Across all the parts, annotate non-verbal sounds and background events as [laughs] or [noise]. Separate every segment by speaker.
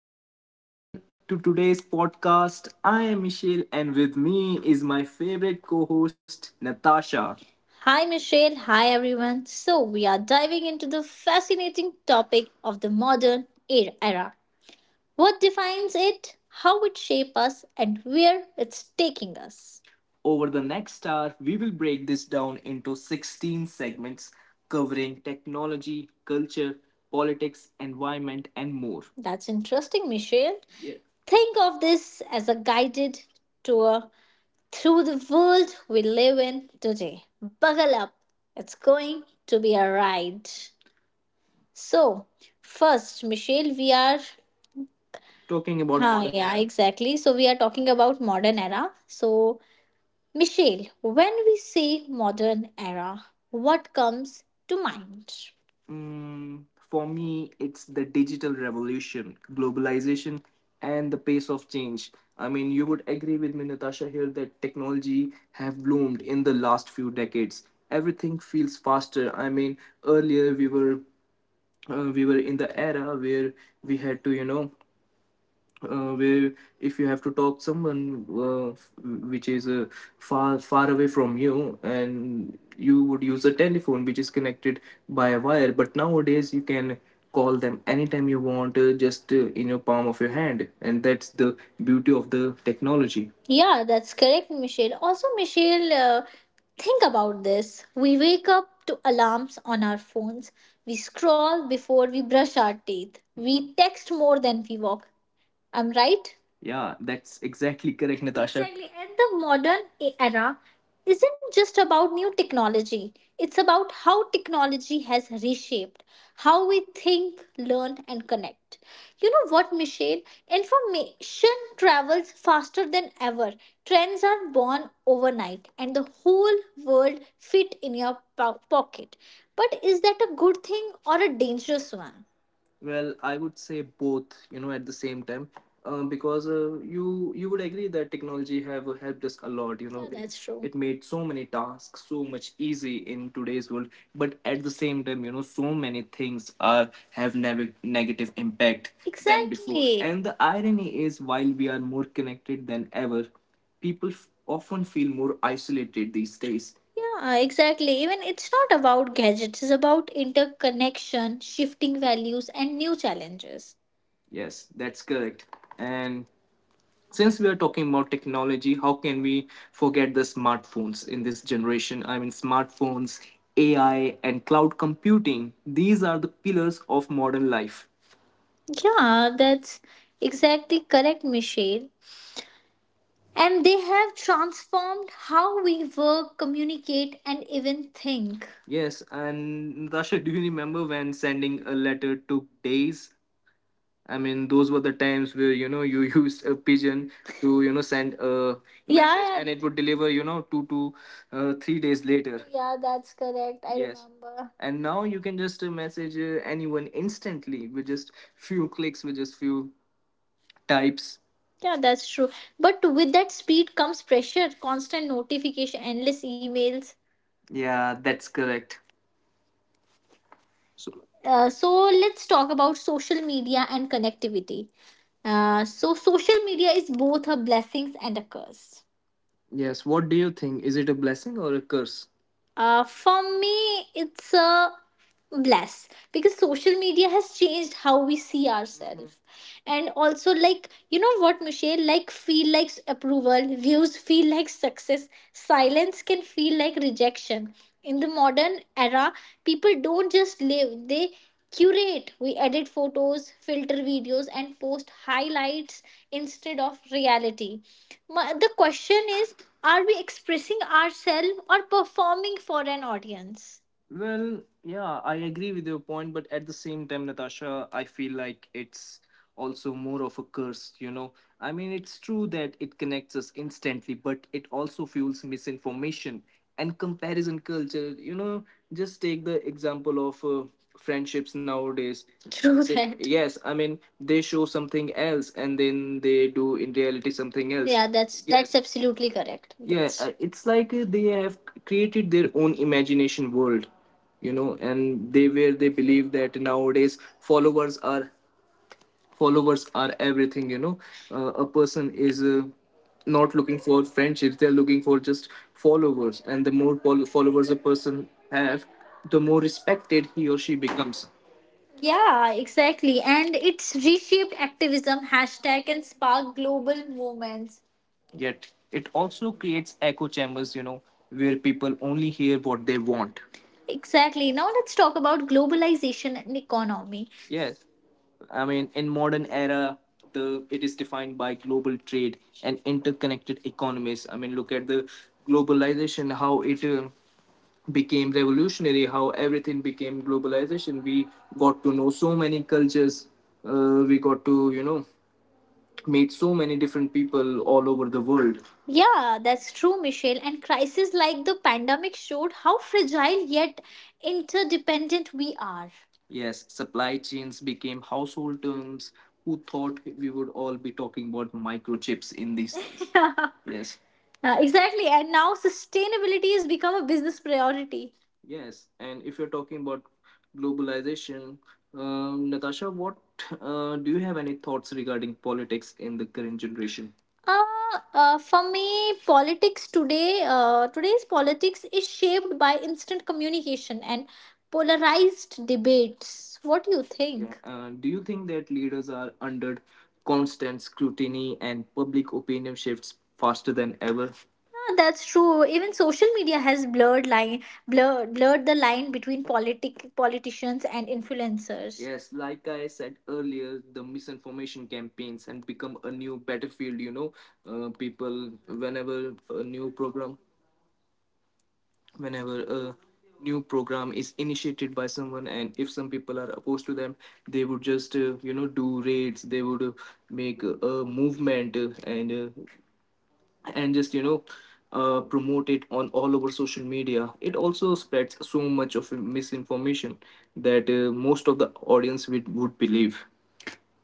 Speaker 1: Welcome everyone to today's podcast. I am Michelle and with me is my favorite co-host Natasha. Hi, Michelle. Hi, everyone. So, we are diving into the fascinating topic of the modern era. What defines it, how it shapes us, and where it's taking us. Over the next hour, we will break this down into 16 segments covering technology, culture, politics, environment, and more. That's interesting, Michelle. Yeah. Think of this as a guided tour through the world we live in today. Buckle up, it's going to be a ride. So, first, Michelle, we are talking about modern, yeah, era. Exactly. So we are talking about modern era. So, Michelle, when we say modern era, what comes to mind? Mm, for me, it's the digital revolution, globalization, and the pace of change. I mean, you would agree with me, Natasha, here that technology have bloomed in the last few decades. Everything feels faster. I mean, earlier we were in the era where we had to, where if you have to talk someone, which is far away from you, and you would use a telephone which is connected by a wire. But nowadays you can call them anytime you want, just in your palm of your hand, and that's the beauty of the technology. Yeah, that's correct, Michelle. Also, Michelle, think about this. We wake up to alarms on our phones. We scroll before we brush our teeth. We text more than we walk. I'm right? Yeah, that's exactly correct, Natasha. Exactly. And the modern era isn't just about new technology, it's about how technology has reshaped how we think, learn, and connect. You know what, Michelle? Information travels faster than ever. Trends are born overnight, and the whole world fit in your pocket. But is that a good thing or a dangerous one? Well, I would say both, at the same time, because you would agree that technology have helped us a lot. Yeah, that's true. It made so many tasks so much easy in today's world. But at the same time, so many things are have negative impact than before. Exactly. And the irony is, while we are more connected than ever, people often feel more isolated these days. Yeah, exactly. Even it's not about gadgets, it's about interconnection, shifting values, and new challenges. Yes, that's correct. And since we are talking about technology, how can we forget the smartphones in this generation? I mean, smartphones, AI, and cloud computing, these are the pillars of modern life. Yeah, that's exactly correct, Michelle. And they have transformed how we work, communicate, and even think. Yes, and Natasha, do you remember when sending a letter took days? I mean, those were the times where you [laughs] used a pigeon to send a, yeah, message, yeah, and it would deliver, 2 to 3 days later. Yeah, that's correct. I, yes, remember. And now you can just message anyone instantly with just few clicks, with just few types. Yeah, that's true. But with that speed comes pressure, constant notification, endless emails. Yeah, that's correct. So, so, let's talk about social media and connectivity. So social media is both a blessings and a curse. Yes, what do you think? Is it a blessing or a curse? For me, it's a bless because social media has changed how we see ourselves, and also, like, you know what, Michelle, like feel like approval, views feel like success, silence can feel like rejection. In the modern era, people don't just live; they curate. We edit photos, filter videos, and post highlights instead of reality. The question is, are we expressing ourselves or performing for an audience? Well, yeah, I agree with your point, but at the same time, Natasha, I feel like it's also more of a curse. I mean, it's true that it connects us instantly, but it also fuels misinformation and comparison culture. Just take the example of friendships nowadays. True. That, yes, I mean, they show something else and then they do in reality something else. Yeah, that's, yes, that's absolutely correct. Yeah. That's It's like, they have created their own imagination world, and they where they believe that nowadays followers are everything. A person is, not looking for friendships, they're looking for just followers, and the more followers a person have, the more respected he or she becomes. Yeah, exactly. And it's reshaped activism hashtag and sparked global movements. Yet it also creates echo chambers, where people only hear what they want. Exactly. Now let's talk about globalization and economy. Yes. I mean, in modern era, the it is defined by global trade and interconnected economies. I mean, look at the globalization, how it became revolutionary, how everything became globalization. We got to know so many cultures. We got to, made so many different people all over the world. Yeah, that's true, Michelle. And crises like the pandemic showed how fragile yet interdependent we are. Yes, supply chains became household terms. Who thought we would all be talking about microchips in these? [laughs] Yeah. Yes, exactly. And now sustainability has become a business priority. Yes, and if you're talking about globalization, Natasha, what do you have any thoughts regarding politics in the current generation? Uh, for me, politics today's politics is shaped by instant communication and polarized debates. What do you, yeah, think? Yeah, do you think that leaders are under constant scrutiny and public opinion shifts faster than ever? Yeah, that's true. Even social media has blurred the line between politicians and influencers. Yes, like I said earlier, the misinformation campaigns and become a new battlefield. People, whenever a new program, whenever a new program is initiated by someone, and if some people are opposed to them, they would just do raids. They would make a movement, and uh, and just promote it on all over social media. It also spreads so much of misinformation that most of the audience would believe.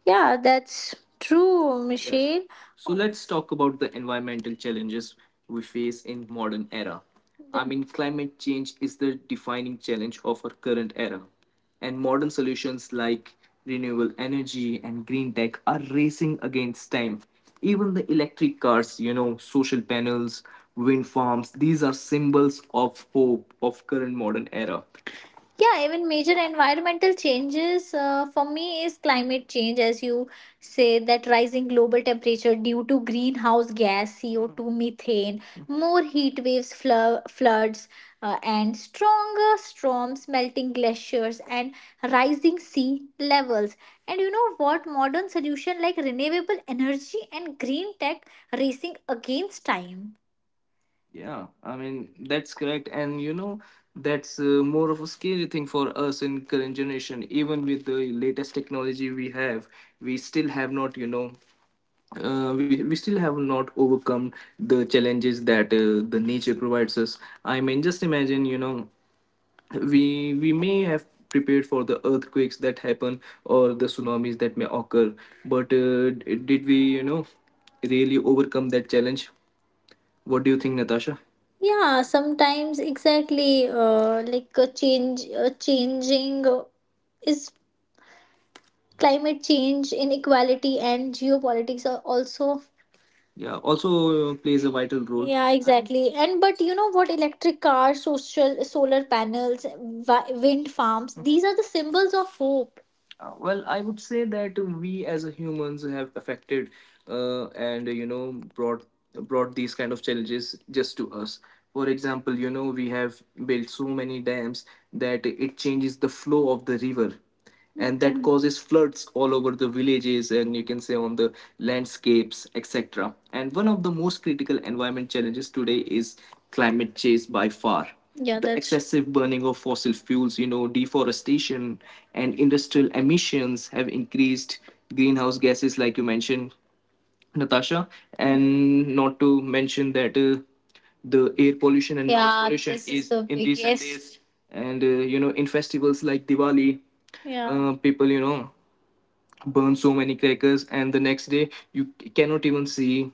Speaker 1: Yeah, that's true, yes, Michelle. So let's talk about the environmental challenges we face in modern era. I mean, climate change is the defining challenge of our current era, and modern solutions like renewable energy and green tech are racing against time. Even the electric cars, social panels, wind farms, these are symbols of hope of current modern era. Yeah, even major environmental changes, for me is climate change, as you say, that rising global temperature due to greenhouse gas, CO2, methane, more heat waves, floods, and stronger storms, melting glaciers, and rising sea levels. And you know what? Modern solution like renewable energy and green tech racing against time. Yeah, I mean that's correct, and that's, more of a scary thing for us in current generation. Even with the latest technology we have, we still have not, we still have not overcome the challenges that the nature provides us. I mean, just imagine, we may have prepared for the earthquakes that happen or the tsunamis that may occur, but did we, really overcome that challenge? What do you think, Natasha? Yeah, sometimes exactly, like changing is climate change, inequality, and geopolitics are also. Yeah, also plays a vital role. Yeah, exactly. And but you know what? Electric cars, social solar panels, wind farms. These are the symbols of hope. Well, I would say that we as a humans have affected, and brought these kind of challenges just to us. For example, we have built so many dams that it changes the flow of the river, and that causes floods all over the villages, and you can say on the landscapes, etc. And one of the most critical environment challenges today is climate change by far. Yeah, the that's excessive burning of fossil fuels, deforestation and industrial emissions have increased greenhouse gases, like you mentioned, Natasha. And not to mention that the air pollution and noise, yeah, pollution. This is the in recent biggest days. And, in festivals like Diwali, yeah, people, burn so many crackers, and the next day you cannot even see,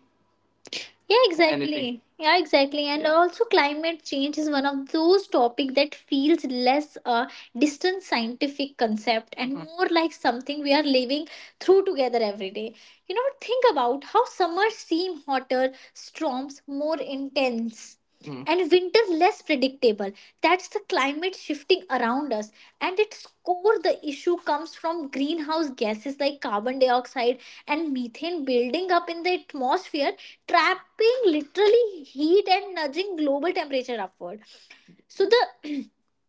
Speaker 1: yeah, anything, exactly. Yeah, exactly. And yeah also, climate change is one of those topics that feels less a distant scientific concept and, mhm, More like something we are living through together every day. You know, think about how summers seem hotter, storms more intense, Hmm, and winter less predictable. That's the climate shifting around us. And its core, the issue comes from greenhouse gases like carbon dioxide and methane building up in the atmosphere, trapping literally heat and nudging global temperature upward. So the [clears throat]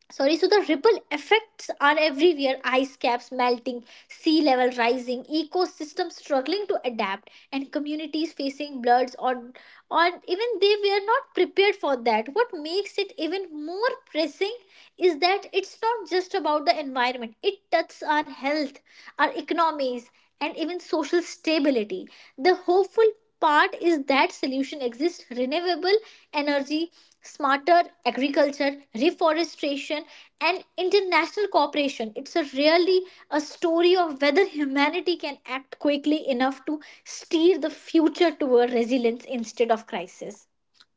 Speaker 1: sorry, so the ripple effects are everywhere. Ice caps melting, sea level rising, ecosystems struggling to adapt, and communities facing bloods on even they were not prepared for that. What makes it even more pressing is that it's not just about the environment. It touches our health, our economies, and even social stability. The hopeful part is that solution exists renewable energy, smarter agriculture, reforestation, and international cooperation. It's a really a story of whether humanity can act quickly enough to steer the future toward resilience instead of crisis.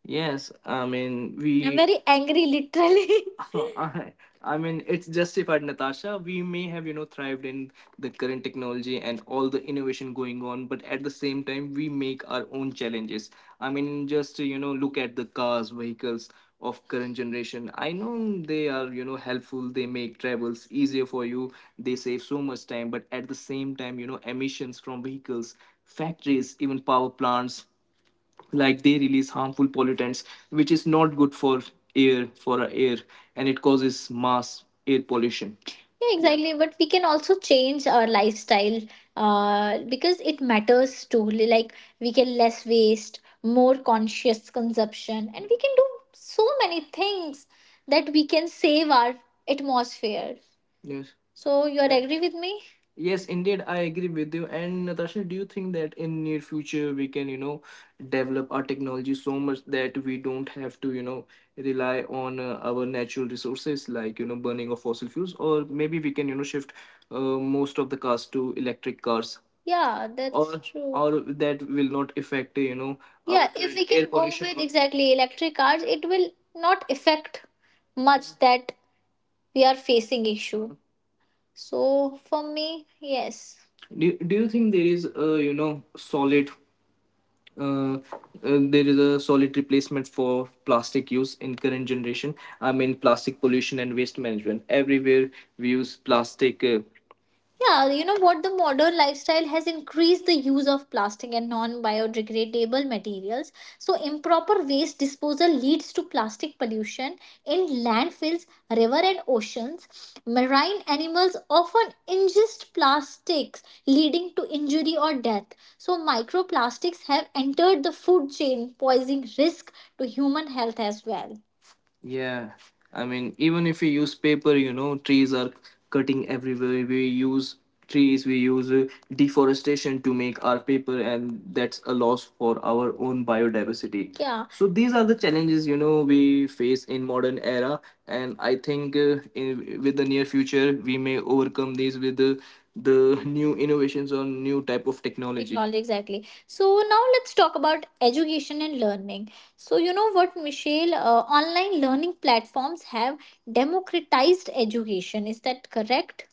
Speaker 1: Yes, I mean I'm we [laughs] very angry, literally. [laughs] I, I mean, it's justified, Natasha. We may have, thrived in the current technology and all the innovation going on, but at the same time, we make our own challenges. I mean, just, look at the cars, vehicles of current generation. I know they are, helpful. They make travels easier for you. They save so much time, but at the same time, emissions from vehicles, factories, even power plants like they release harmful pollutants which is not good for air for our air and it causes mass air pollution. Yeah, exactly. But we can also change our lifestyle because it matters too. Like, we can less waste, more conscious consumption, and we can do so many things that we can save our atmosphere. Yes. So, you are agree with me? Yes, indeed, I agree with you. And Natasha, do you think that in near future we can, develop our technology so much that we don't have to, rely on our natural resources like, burning of fossil fuels, or maybe we can, shift most of the cars to electric cars? Yeah, that's or true. Or that will not affect, our Yeah, if current we air can go pollution with exactly electric cars, it will not affect much that we are facing issue. So for me, yes. Do you think there is a solid uh, uh, there is a solid replacement for plastic use in current generation? I mean plastic pollution and waste management everywhere, we use plastic. Yeah, you know what? The modern lifestyle has increased the use of plastic and non biodegradable materials. So, improper waste disposal leads to plastic pollution in landfills, river, and oceans. Marine animals often ingest plastics, leading to injury or death. So, microplastics have entered the food chain, posing risk to human health as well. Yeah, I mean, even if we use paper, you know, trees are cutting everywhere. We use trees, we use deforestation to make our paper, and that's a loss for our own biodiversity. Yeah, so these are the challenges, we face in modern era, and I think in, with the near future we may overcome these with the new innovations or new type of technology exactly. So now let's talk about education and learning. So you know what, Michelle? Online learning platforms have democratized education, is that correct?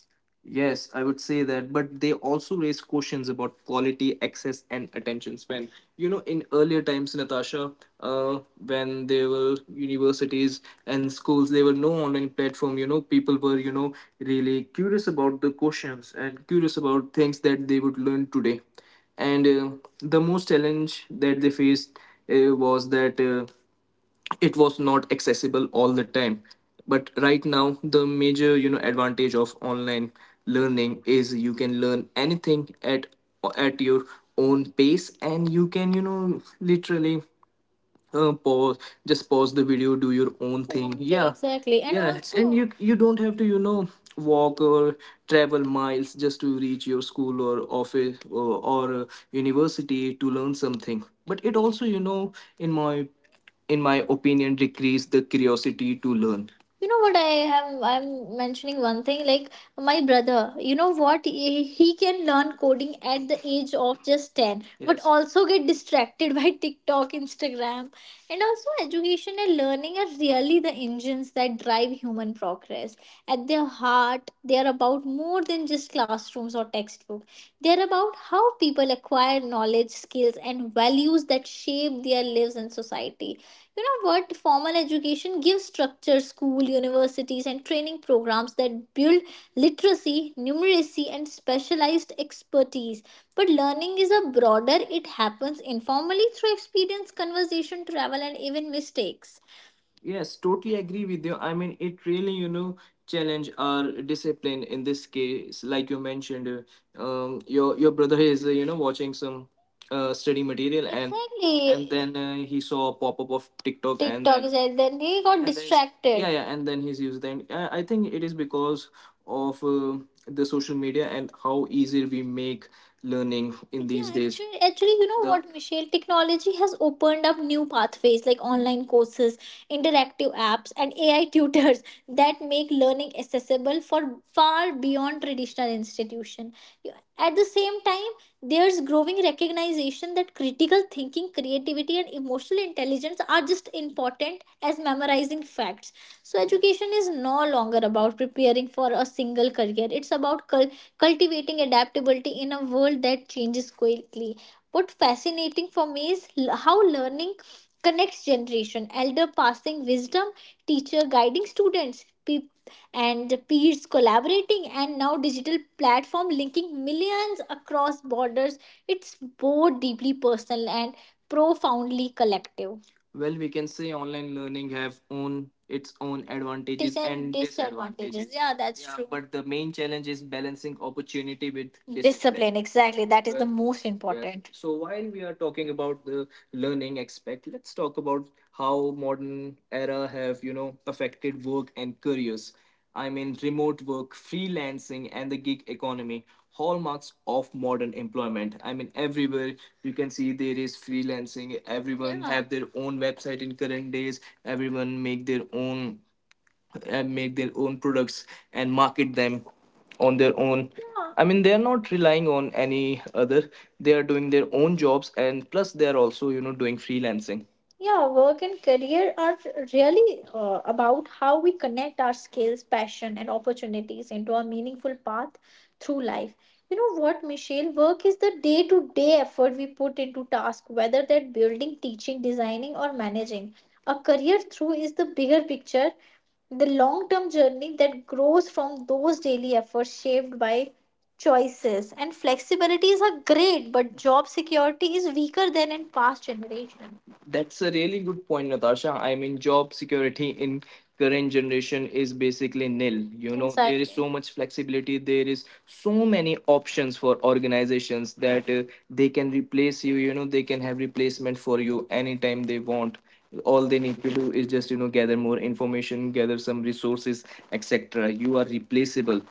Speaker 1: Yes, I would say that, but they also raise questions about quality, access, and attention span. You know, in earlier times, Natasha, uh, when there were universities and schools, there were no online platform. You know, people were really curious about the questions and curious about things that they would learn today. And the most challenge that they faced was that. It was not accessible all the time, but right now the major advantage of online learning is you can learn anything at your own pace and you can literally uh, pause pause the video, do your own thing. Yeah, exactly. And yeah and also, you don't have to walk or travel miles just to reach your school or office or university to learn something. But it also, you know, in my in my opinion decrease the curiosity to learn. You know what I'm mentioning one thing, like my brother, you know what, he can learn coding at the age of just 10, but Yes, also get distracted [laughs] by TikTok Instagram. And also education and learning are really the engines that drive human progress. At their heart they are about more than just classrooms or textbook, they are about how people acquire knowledge, skills, and values that shape their lives and society. You know what? Formal education gives structure, school, universities, and training programs that build literacy, numeracy, and specialized expertise. But learning is a broader, it happens informally through experience, conversation, travel, and even mistakes. Yes, totally agree with you. I mean, it really, you know, challenge our discipline in this case. Like you mentioned, your brother is, you know, watching some study material, and exactly. And then he saw a pop up of TikTok, and TikTok then is and then he got and then yeah, distracted. Yeah, yeah, and then he's used. And I think it is because of the social media and how easy we make learning in Yeah, these Yeah, days. You know The what, Michelle? Technology has opened up new pathways like online courses, interactive apps, and AI tutors that make learning accessible for far beyond traditional institutions. At the same time, there's growing recognition that critical thinking, creativity, and emotional intelligence are just important as memorizing facts. So, education is no longer about preparing for a single career, it's about cultivating adaptability in a world that changes quickly. What fascinating for me is how learning connects generation elder passing wisdom teacher guiding students and peers collaborating and now digital platform linking millions across borders. It's both deeply personal and profoundly collective. Well, we can say online learning have own its own advantages and disadvantages. Disadvantages. Yeah, that's yeah true. But the main challenge is balancing opportunity with discipline. Discipline, exactly. That is the well, most, yes, important. So while we are talking about the learning aspect, let's talk about how modern era have, you know, affected work and careers. I mean remote work, freelancing, and the gig economy, hallmarks of modern employment. I mean everywhere you can see there is freelancing. Everyone, yeah, have their own website in current days. Everyone make their own products and market them on their own. Yeah. I mean, they are not relying on any other. They are doing their own jobs, and plus they are also, you know, doing freelancing. Yeah, work and career are really about how we connect our skills, passion, and opportunities into a meaningful path through life. You know what, Michelle? Work is the day to day effort we put into tasks, whether that building, teaching, designing, or managing. A career through is the bigger picture, the long term journey that grows from those daily efforts shaped by choices. And flexibilities are great, but job security is weaker than in past generations. That's a really good point, Natasha. I mean, job security in current generation is basically nil. You know, there is, exactly, so much flexibility. There is so many options for organizations that they can replace you. You know, they can have replacement for you anytime they want. All they need to do is just, you know, gather more information, gather some resources, etc. You are replaceable.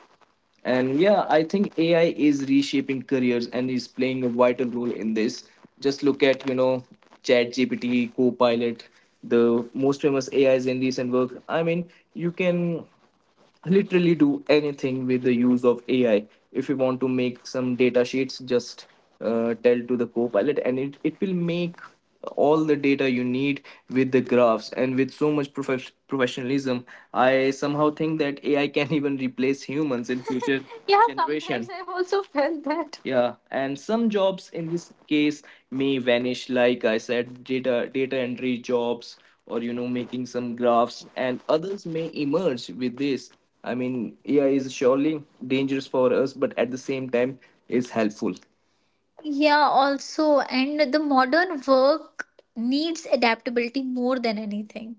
Speaker 1: And yeah, I think AI is reshaping careers and is playing a vital role in this. Just look at, you know, ChatGPT, Copilot, the most famous AIs in recent work. I mean, you can literally do anything with the use of AI. If you want to make some data sheets, just tell to the copilot and it will make all the data you need with the graphs and with so much professionalism. I somehow think that AI can [laughs] even replace humans in future [laughs] yeah generation, sometimes I've also felt that. Yeah, and some jobs in this case may vanish, like I said, data entry jobs or, you know, making some graphs, and others may emerge with this. I mean AI is surely dangerous for us but at the same time is helpful. Yeah, also, and the modern work needs adaptability more than anything.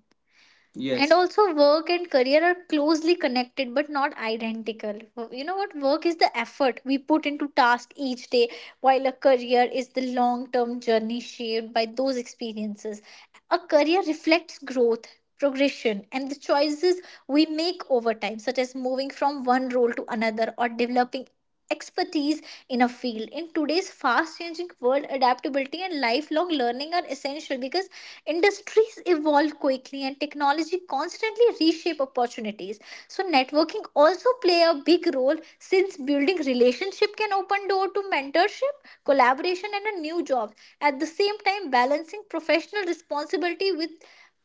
Speaker 1: And yes, also, work and career are closely connected but not identical. You know what? Work is the effort we put into task each day, while a career is the long term journey shaped by those experiences. A career reflects growth, progression, and the choices we make over time, such as moving from one role to another or developing expertise in a field. In today's fast changing world, adaptability and lifelong learning are essential because industries evolve quickly and technology constantly reshape opportunities. So networking also play a big role since building relationship can open door to mentorship, collaboration and a new job. At the same time balancing professional responsibility with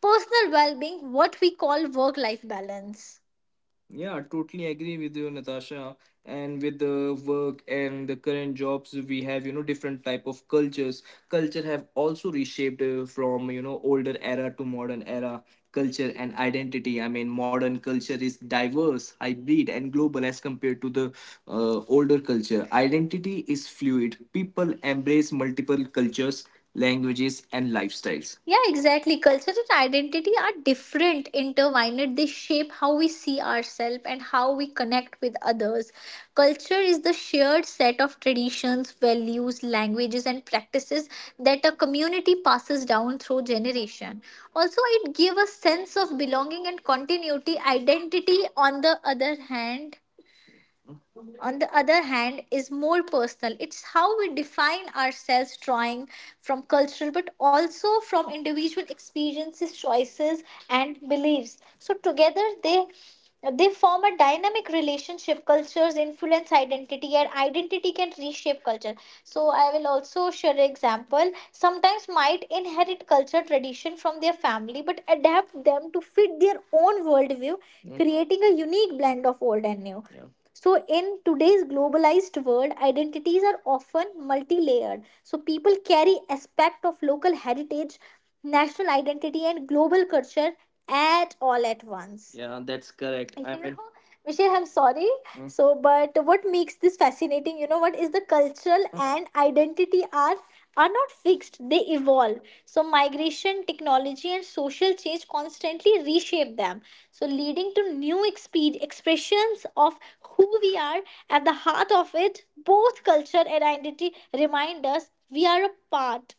Speaker 1: personal well-being what we call work life balance. Yeah, totally agree with you, Natasha. And with the work and the current jobs, we have, you know, different type of cultures. Culture have also reshaped, from, you know, older era to modern era culture and identity. I mean, modern culture is diverse, hybrid, and global as compared to the older culture. Identity is fluid. People embrace multiple cultures, languages, and lifestyles. Yeah, exactly. Culture and identity are different, intertwined. They shape how we see ourselves and how we connect with others. Culture is the shared set of traditions, values, languages, and practices that a community passes down through generation. Also, it gives a sense of belonging and continuity. Identity, on the other hand, is more personal. It's how we define ourselves, drawing from cultural but also from individual experiences, choices, and beliefs. So, together, they form a dynamic relationship cultures influence identity and identity can reshape culture. So I will also share an example, sometimes might inherit culture tradition from their family but adapt them to fit their own worldview, Mm. creating a unique blend of old and new. Yeah. So, in today's globalized world, identities are often multi layered. So, people carry aspect of local heritage, national identity, and global culture at all at once. Yeah, that's correct. You I know, mean, know, Michelle, I'm sorry. Hmm. So, but what makes this fascinating? You know, what is the cultural, and identity are? Are not fixed, they evolve. So, migration, technology, and social change constantly reshape them. So, leading to new expressions of who we are. At the heart of it, both culture and identity remind us we are a part.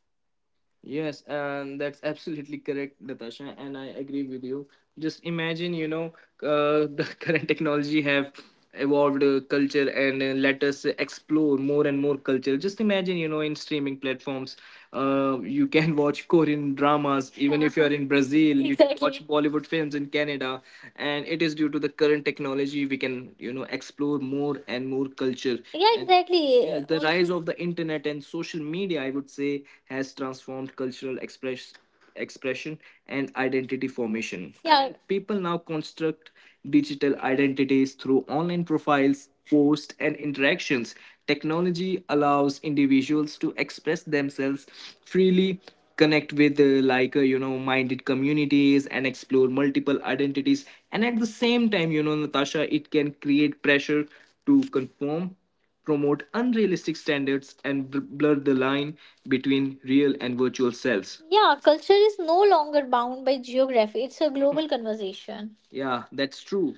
Speaker 1: Yes, and that's absolutely correct, Natasha, and I agree with you. Just imagine, you know, [laughs] the current technology have evolved, culture, and let us explore more and more culture. Just imagine, you know, in streaming platforms, you can [laughs] watch Korean dramas even if you are in Brazil. [laughs] You can watch, exactly, Bollywood films in Canada, and it is due to the current technology we can, you know, explore more and more culture. Yeah, and exactly. And, yeah, the rise of the internet and social media, I would say, has transformed cultural expression and identity formation. Yeah, people now construct digital identities through online profiles, posts, and interactions. Technology allows individuals to express themselves freely, connect with, like, minded communities, and explore multiple identities. And at the same time, you know, Natasha, it can create pressure to conform, promote unrealistic standards, and blur the line between real and virtual selves. Yeah, culture is no longer bound by geography. It's a global conversation. Yeah, that's true.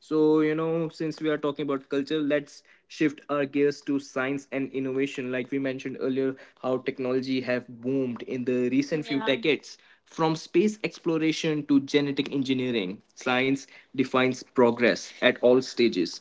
Speaker 1: So, you know, since we are talking about culture, let's shift our gears to science and innovation. Like we mentioned earlier, how technology have boomed in the recent few, yeah, decades. From space exploration to genetic engineering, science defines progress at all stages.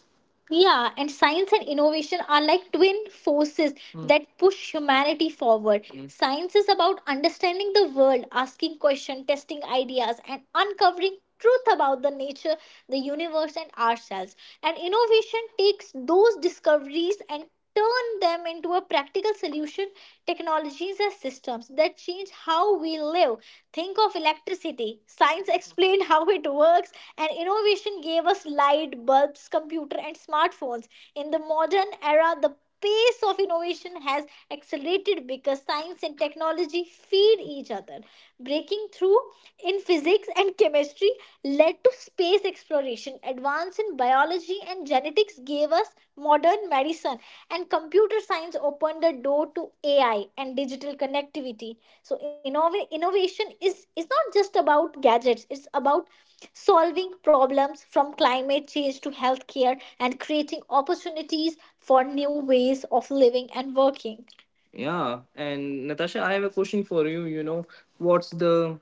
Speaker 1: Yeah, and science and innovation are like twin forces, that push humanity forward. Mm. Science is about understanding the world, asking questions, testing ideas, and uncovering truth about the nature, the universe, and ourselves. And innovation takes those discoveries and turn them into a practical solution, technologies as systems that change how we live. Think of electricity, science explained how it works and innovation gave us light bulbs, computer, and smartphones. In the modern era, the pace of innovation has accelerated because science and technology feed each other. Breaking through in physics and chemistry led to space exploration. Advance in biology and genetics gave us modern medicine, and computer science opened the door to AI and digital connectivity. So, innovation is not just about gadgets, it's about solving problems from climate change to healthcare and creating opportunities for new ways of living and working. Yeah, and Natasha, I have a question for you. You know, what's the,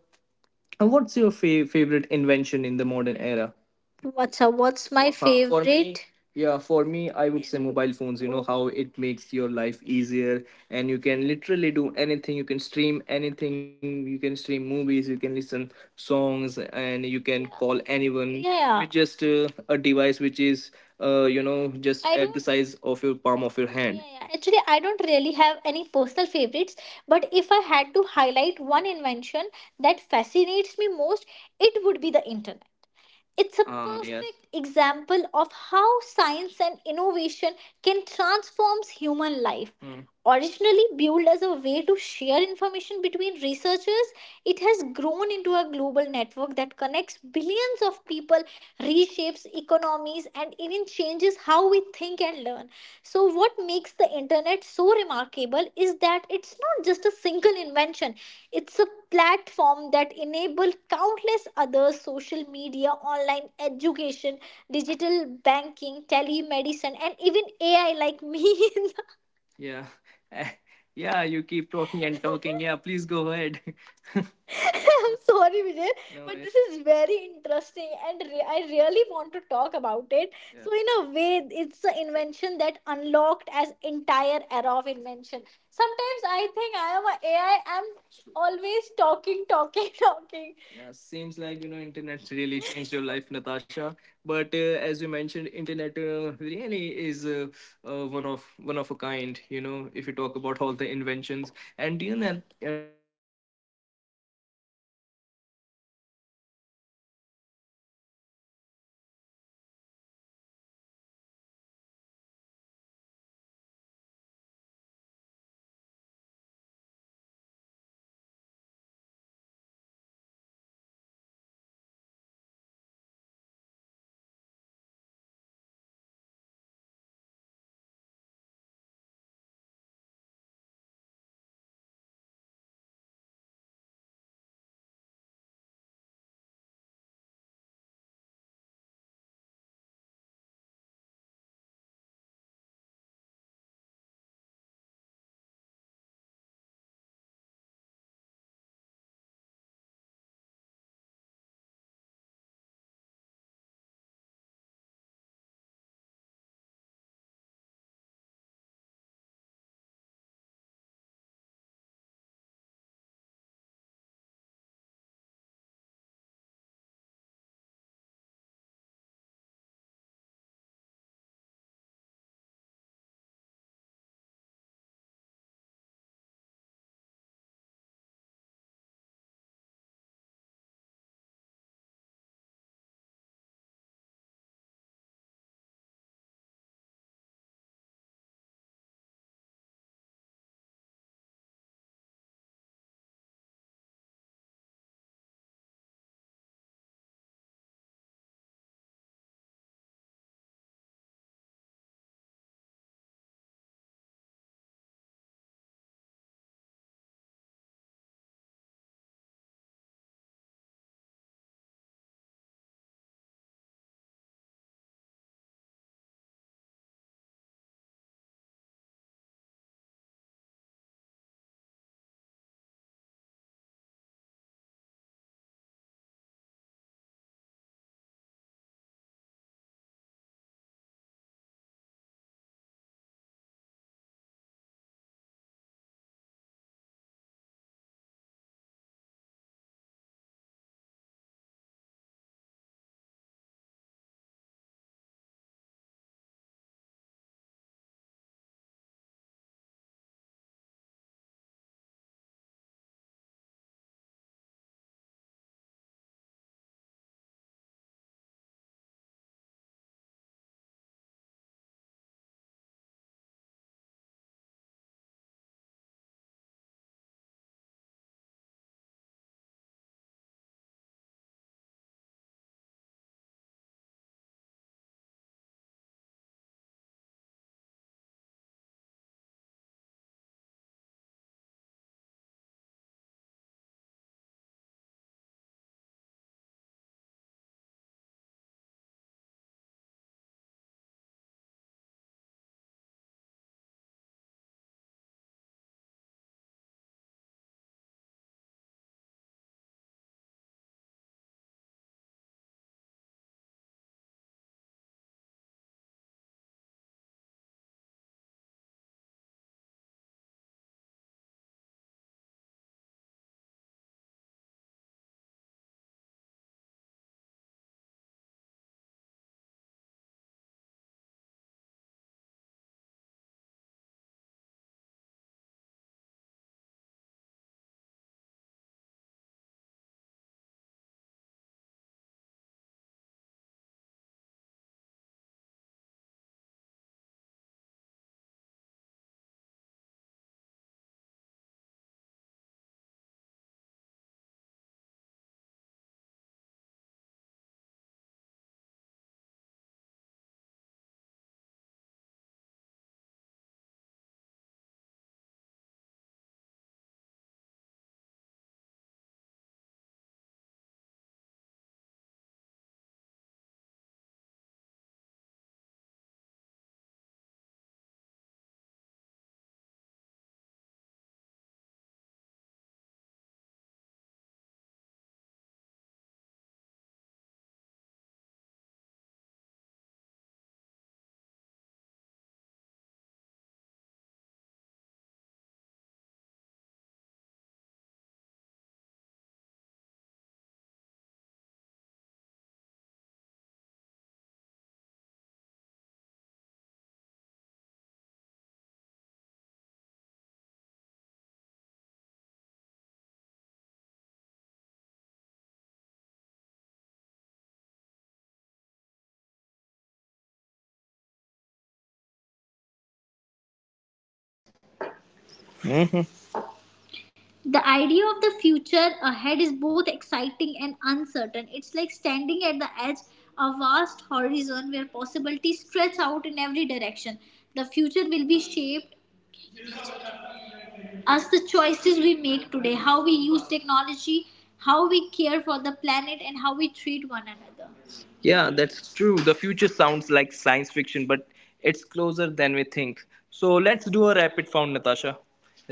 Speaker 1: what's your favorite invention in the modern era? What's up? What's my, huh, for me favorite? Yeah, for me I would say mobile phones, you know, how it makes your life easier, and you can literally do anything, you can stream anything, you can stream movies, you can listen songs, and you can call anyone. Yeah, with just a device which is, you know, just, I at the don't, size of your palm of your hand. Yeah, actually, I don't really have any personal favorites, but if I had to highlight one invention that fascinates me most, it would be the internet. It's a, yes, perfect example of how science and innovation can transform human life. Originally built as a way to share information between researchers, it has grown into a global network that connects billions of people, reshapes economies, and even changes how we think and learn. So, what makes the internet so remarkable is that it's not just a single invention, it's a platform that enables countless other social media, online education, digital banking, telemedicine, and even AI like me [laughs] in, yeah. [laughs] Yeah, you keep talking and talking. Yeah, please go ahead. [laughs] I'm sorry, Vijay. No, but this is very interesting and, I really want to talk about it. Yeah. So, in a way, it's the invention that unlocked as entire era of invention. Sometimes I think I am a AI. I'm always talking, talking, [laughs] talking. Yeah, seems like, you know, internet really changed your life, [laughs] Natasha. But as you mentioned, internet, really is, one of a kind. You know, if you talk about all the inventions and, you know,
Speaker 2: The idea of the future ahead is both exciting and uncertain. It's like standing at the edge of a vast horizon where possibilities stretch out in every direction. The future will be shaped as the choices we make today, how we use technology, how we care for the planet, and how we treat one another. Yeah, that's true. The future sounds like science fiction, but it's closer than we think. So let's do a rapid round, Natasha.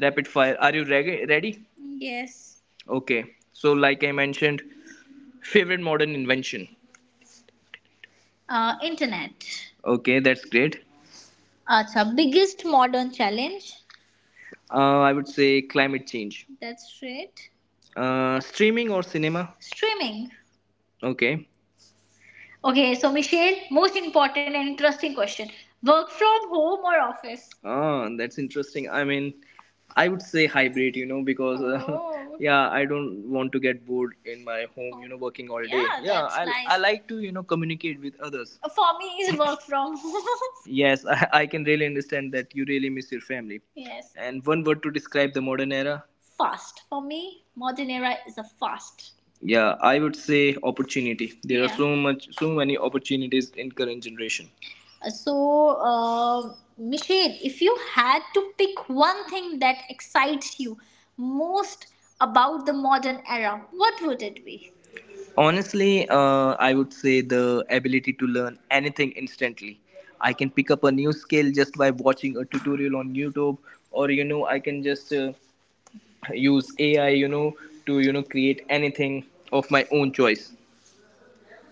Speaker 2: Rapid fire. Are you ready? Yes. Okay. So, like I mentioned, favorite modern invention. Internet. Okay, that's great. Acha, biggest modern challenge? I would say climate change. That's right. Streaming or cinema? Streaming. Okay. Okay, so Michelle, most important and interesting question. Work from home or office? Ah, that's interesting. I mean, I would say hybrid, you know, because [laughs] Oh, yeah, I don't want to get bored in my home, you know, working all day. Yeah, that's I nice. Like to, you know, communicate with others. For me, is [laughs] work from home. [laughs] Yes, [laughs] I can really understand that you really miss your family. Yes. And one word to describe the modern era? Fast. For me, modern era is a fast. Yeah, I would say opportunity. There are. Yeah, so much, so many opportunities in current generation. So, Michelle, if you had to pick one thing that excites you most about the modern era, what would it be? Honestly, I would say the ability to learn anything instantly. I can pick up a new skill just by watching a tutorial on YouTube, or you know, I can just use AI, you know, to you know create anything of my own choice.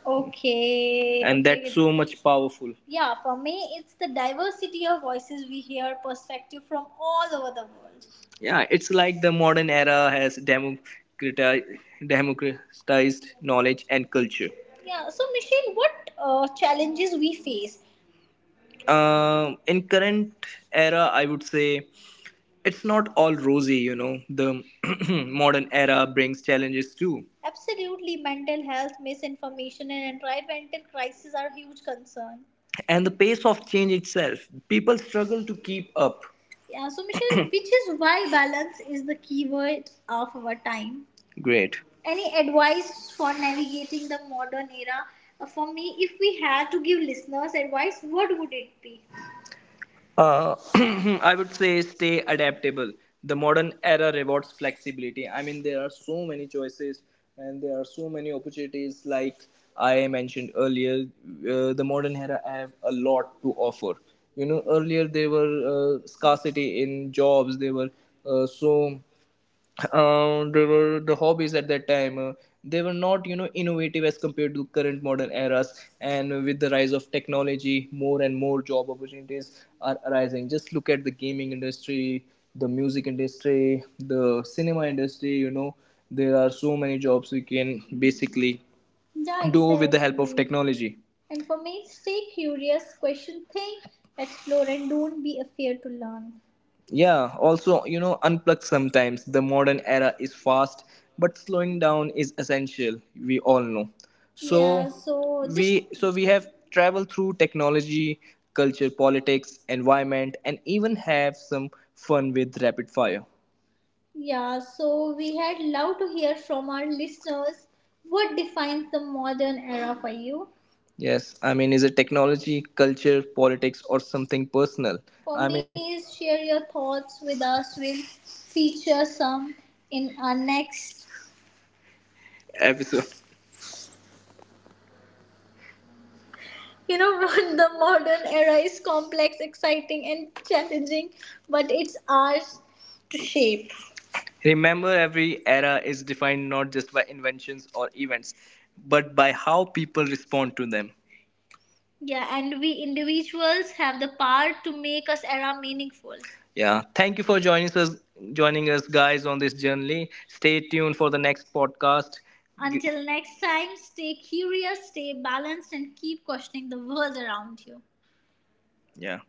Speaker 2: Okay, and okay, that's so much powerful. Yeah, for me, it's the diversity of voices we hear, perspective from all over the world. Yeah, it's like the modern era has democratized knowledge and culture. Yeah, so Michelle, what challenges we face? In current era, I would say it's not all rosy, you know. The [clears throat] modern era brings challenges too. Absolutely, mental health, misinformation, and environmental crisis are huge concerns. And the pace of change itself. People struggle to keep up. Yeah, so Michelle, [clears throat] which is why balance is the key word of our time. Great. Any advice for navigating the modern era? For me, if we had to give listeners advice, what would it be? Uh, [clears throat] I would say stay adaptable. The modern era rewards flexibility. I mean, there are so many choices and there are so many opportunities. Like I mentioned earlier, the modern era have a lot to offer. You know, earlier there were scarcity in jobs. There were uh, so there were the hobbies at that time they were not you know innovative as compared to current modern eras, and with the rise of technology, more and more job opportunities are arising. Just look at the gaming industry, the music industry, the cinema industry, you know, there are so many jobs we can basically, yeah, do with the help of exactly technology. And for me, stay curious, question, think, explore, and don't be afraid to learn. Yeah, also, you know, unplug sometimes. The modern era is fast, but slowing down is essential. We all know. Yeah, so we have traveled through technology, culture, politics, environment, and even have some fun with rapid fire. Yeah, so we had love to hear from our listeners what defines the modern era for you. Yes, I mean, is it technology, culture, politics, or something personal? For I mean, me, is share your thoughts with us. We'll feature some in our next episode. You know [laughs] what? The modern era is complex, exciting, and challenging, but it's ours to shape. Remember, every era is defined not just by inventions or events, but by how people respond to them. Yeah, and we individuals have the power to make us era meaningful. Yeah, thank you for joining us, guys, on this journey. Stay tuned for the next podcast. Until next time, stay curious, stay balanced, and keep questioning the world around you. Yeah.